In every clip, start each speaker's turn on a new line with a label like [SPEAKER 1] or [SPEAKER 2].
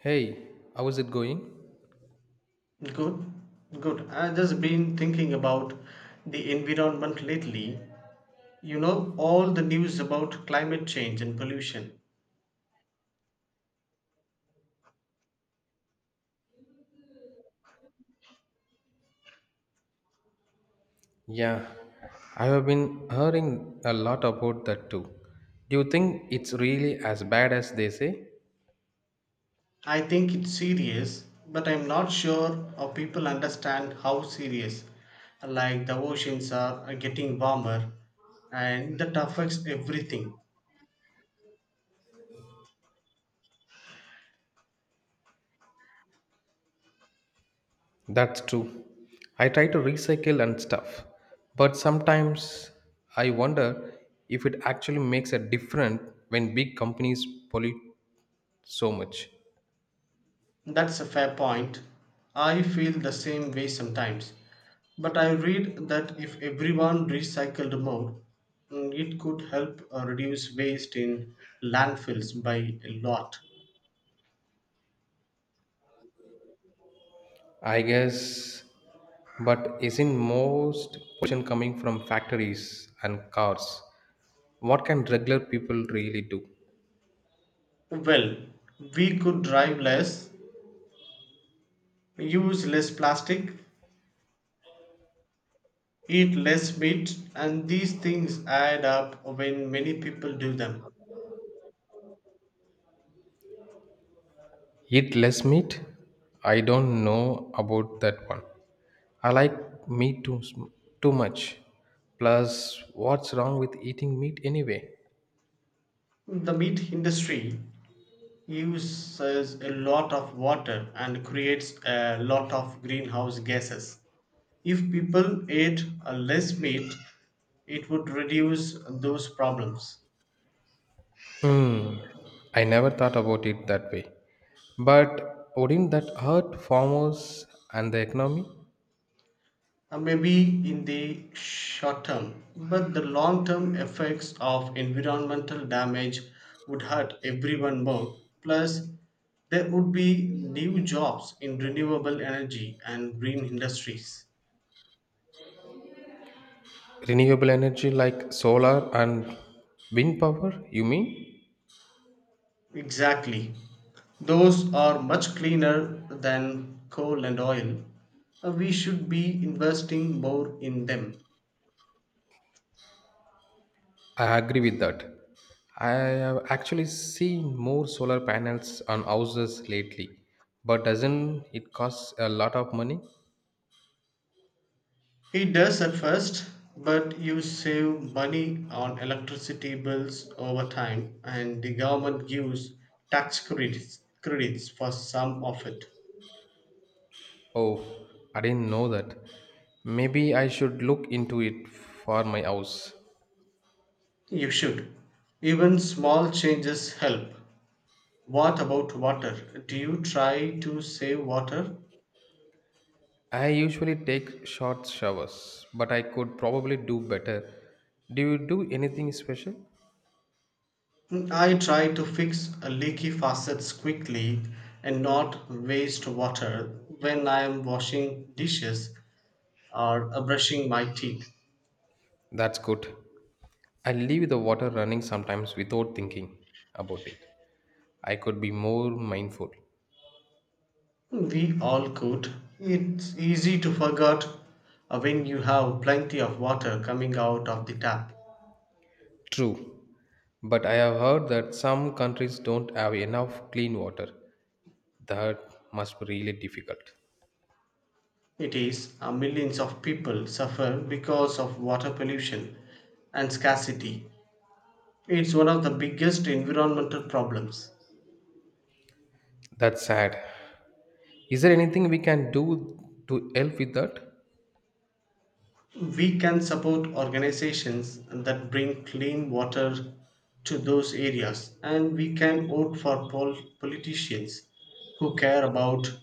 [SPEAKER 1] Hey, how is it going?
[SPEAKER 2] Good, good. I just been thinking about the environment lately. You know, all the news about climate change and pollution.
[SPEAKER 1] Yeah, I have been hearing a lot about that too. Do you think it's really as bad as they say?
[SPEAKER 2] I think it's serious, but I'm not sure how people understand how serious. Like the oceans are getting warmer and that affects everything.
[SPEAKER 1] That's true. I try to recycle and stuff, but sometimes I wonder if it actually makes a difference when big companies pollute so much.
[SPEAKER 2] That's a fair point. I feel the same way sometimes. But I read that if everyone recycled more, it could help reduce waste in landfills by a lot.
[SPEAKER 1] I guess, but isn't most pollution coming from factories and cars? What can regular people really do?
[SPEAKER 2] Well, we could drive less, use less plastic, eat less meat, and these things add up when many people do them.
[SPEAKER 1] Eat less meat? I don't know about that one. I like too much. Plus, what's wrong with eating meat anyway?
[SPEAKER 2] The meat industry uses a lot of water and creates a lot of greenhouse gases. If people ate less meat, it would reduce those problems.
[SPEAKER 1] Hmm, I never thought about it that way. But wouldn't that hurt farmers and the economy?
[SPEAKER 2] Maybe in the short term, but the long term effects of environmental damage would hurt everyone more. Plus, there would be new jobs in renewable energy and green industries.
[SPEAKER 1] Renewable energy like solar and wind power, you mean?
[SPEAKER 2] Exactly. Those are much cleaner than coal and oil. We should be investing more in them.
[SPEAKER 1] I agree with that. I have actually seen more solar panels on houses lately, but doesn't it cost a lot of money?
[SPEAKER 2] He does at first, but you save money on electricity bills over time, and the government gives tax credits, credits for some of it.
[SPEAKER 1] Oh, I didn't know that. Maybe I should look into it for my house.
[SPEAKER 2] You should. Even small changes help. What about water? Do you try to save water?
[SPEAKER 1] I usually take short showers, but I could probably do better. Do you do anything special?
[SPEAKER 2] I try to fix a leaky faucets quickly and not waste water when I am washing dishes or brushing my teeth.
[SPEAKER 1] That's good. I leave the water running sometimes without thinking about it. I could be more mindful.
[SPEAKER 2] We all could. It's easy to forget when you have plenty of water coming out of the tap.
[SPEAKER 1] True, but I have heard that some countries don't have enough clean water. That must be really difficult.
[SPEAKER 2] It is, millions of people suffer because of water pollution and scarcity. It's one of the biggest environmental problems.
[SPEAKER 1] That's sad. Is there anything we can do to help with that?
[SPEAKER 2] We can support organizations that bring clean water to those areas, and we can vote for politicians who care about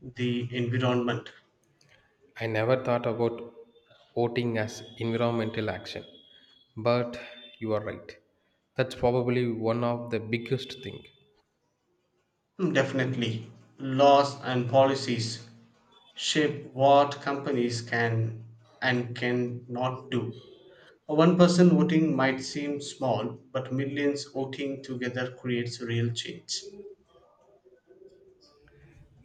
[SPEAKER 2] the environment.
[SPEAKER 1] I never thought about voting as environmental action, but you are right. That's probably one of the biggest thing.
[SPEAKER 2] Definitely laws and policies shape what companies can and can not do. One person voting might seem small, but millions voting together creates real change.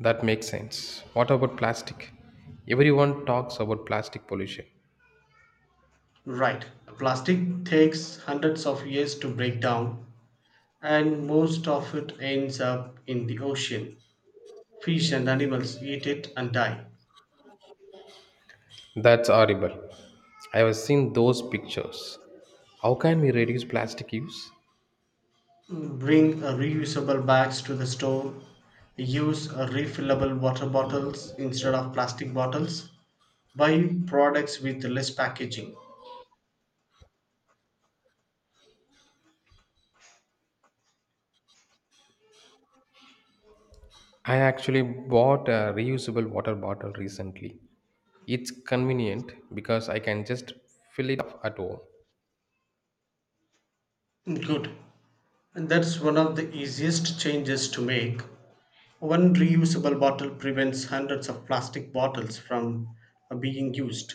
[SPEAKER 1] That makes sense. What about plastic? Everyone talks about plastic pollution.
[SPEAKER 2] Right. Plastic takes hundreds of years to break down, and most of it ends up in the ocean. Fish and animals eat it and die.
[SPEAKER 1] That's horrible. I have seen those pictures. How can we reduce plastic use?
[SPEAKER 2] Bring reusable bags to the store. Use refillable water bottles instead of plastic bottles. Buy products with less packaging.
[SPEAKER 1] I actually bought a reusable water bottle recently. It's convenient because I can just fill it up at home.
[SPEAKER 2] Good. And that's one of the easiest changes to make. One reusable bottle prevents hundreds of plastic bottles from being used.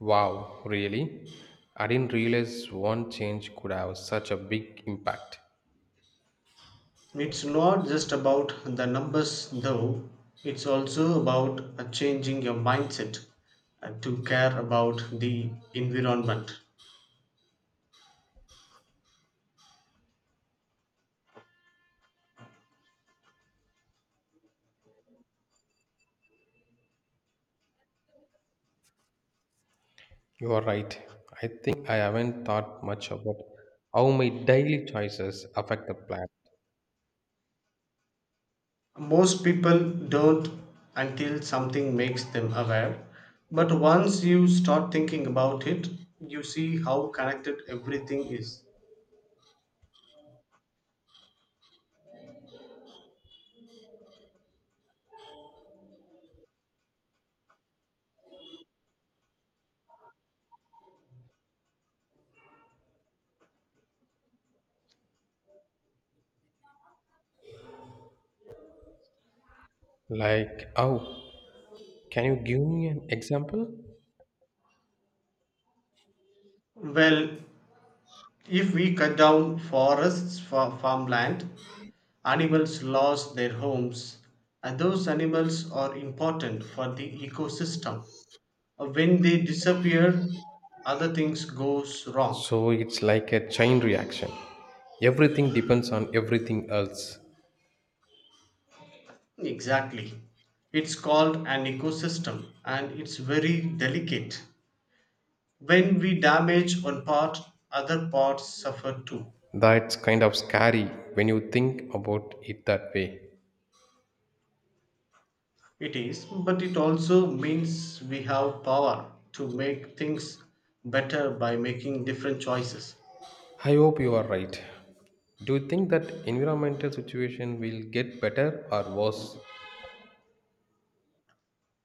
[SPEAKER 1] Wow, really? I didn't realize one change could have such a big impact.
[SPEAKER 2] It's not just about the numbers though, it's also about changing your mindset to care about the environment.
[SPEAKER 1] You are right. I think I haven't thought much about how my daily choices affect the planet.
[SPEAKER 2] Most people don't until something makes them aware, but once you start thinking about it, you see how connected everything is.
[SPEAKER 1] Like, oh, can you give me an example?
[SPEAKER 2] Well, if we cut down forests for farmland, animals lose their homes, and those animals are important for the ecosystem. When they disappear, other things goes wrong.
[SPEAKER 1] So it's like a chain reaction. Everything depends on everything else.
[SPEAKER 2] Exactly. It's called an ecosystem and it's very delicate. When we damage one part, other parts suffer too.
[SPEAKER 1] That's kind of scary when you think about it that way.
[SPEAKER 2] It is, but it also means we have power to make things better by making different choices.
[SPEAKER 1] I hope you are right. Do you think that environmental situation will get better or worse?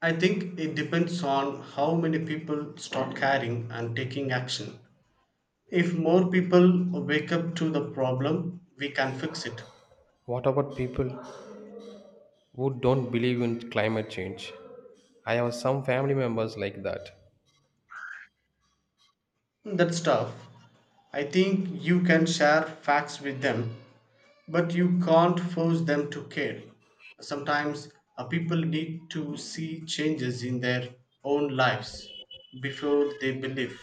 [SPEAKER 2] I think it depends on how many people start caring and taking action. If more people wake up to the problem, we can fix it.
[SPEAKER 1] What about people who don't believe in climate change? I have some family members like that.
[SPEAKER 2] That's tough. I think you can share facts with them, but you can't force them to care. Sometimes people need to see changes in their own lives before they believe.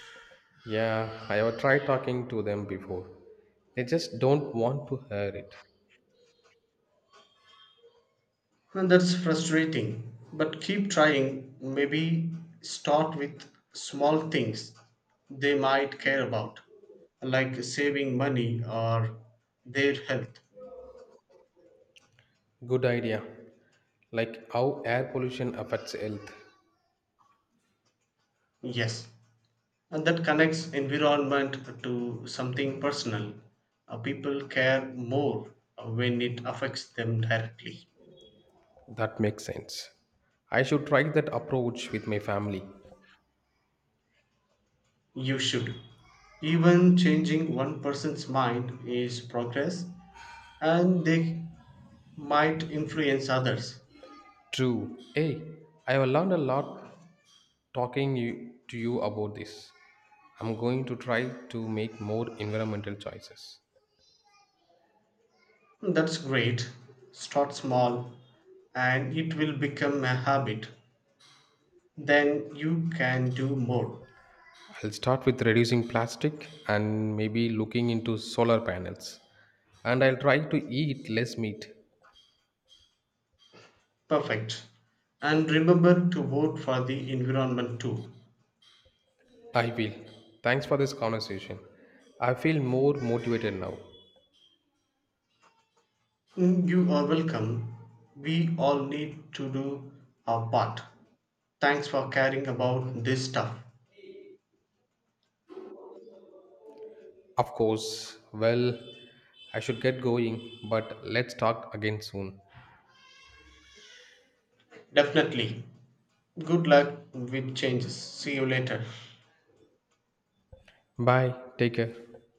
[SPEAKER 1] Yeah, I have tried talking to them before. They just don't want to hear it.
[SPEAKER 2] And that's frustrating, but keep trying. Maybe start with small things they might care about, like saving money or their health.
[SPEAKER 1] Good idea. Like how air pollution affects health.
[SPEAKER 2] Yes, and that connects environment to something personal. People care more when it affects them directly.
[SPEAKER 1] That makes sense. I should try that approach with my family.
[SPEAKER 2] You should. Even changing one person's mind is progress, and they might influence others.
[SPEAKER 1] True. Hey, I have learned a lot to you about this. I'm going to try to make more environmental choices.
[SPEAKER 2] That's great. Start small and it will become a habit. Then you can do more.
[SPEAKER 1] I'll start with reducing plastic and maybe looking into solar panels. And I'll try to eat less meat.
[SPEAKER 2] Perfect. And remember to vote for the environment too.
[SPEAKER 1] I will. Thanks for this conversation. I feel more motivated now.
[SPEAKER 2] You are welcome. We all need to do our part. Thanks for caring about this stuff.
[SPEAKER 1] Of course. Well, I should get going, but let's talk again soon.
[SPEAKER 2] Definitely. Good luck with changes. See you later.
[SPEAKER 1] Bye. Take care.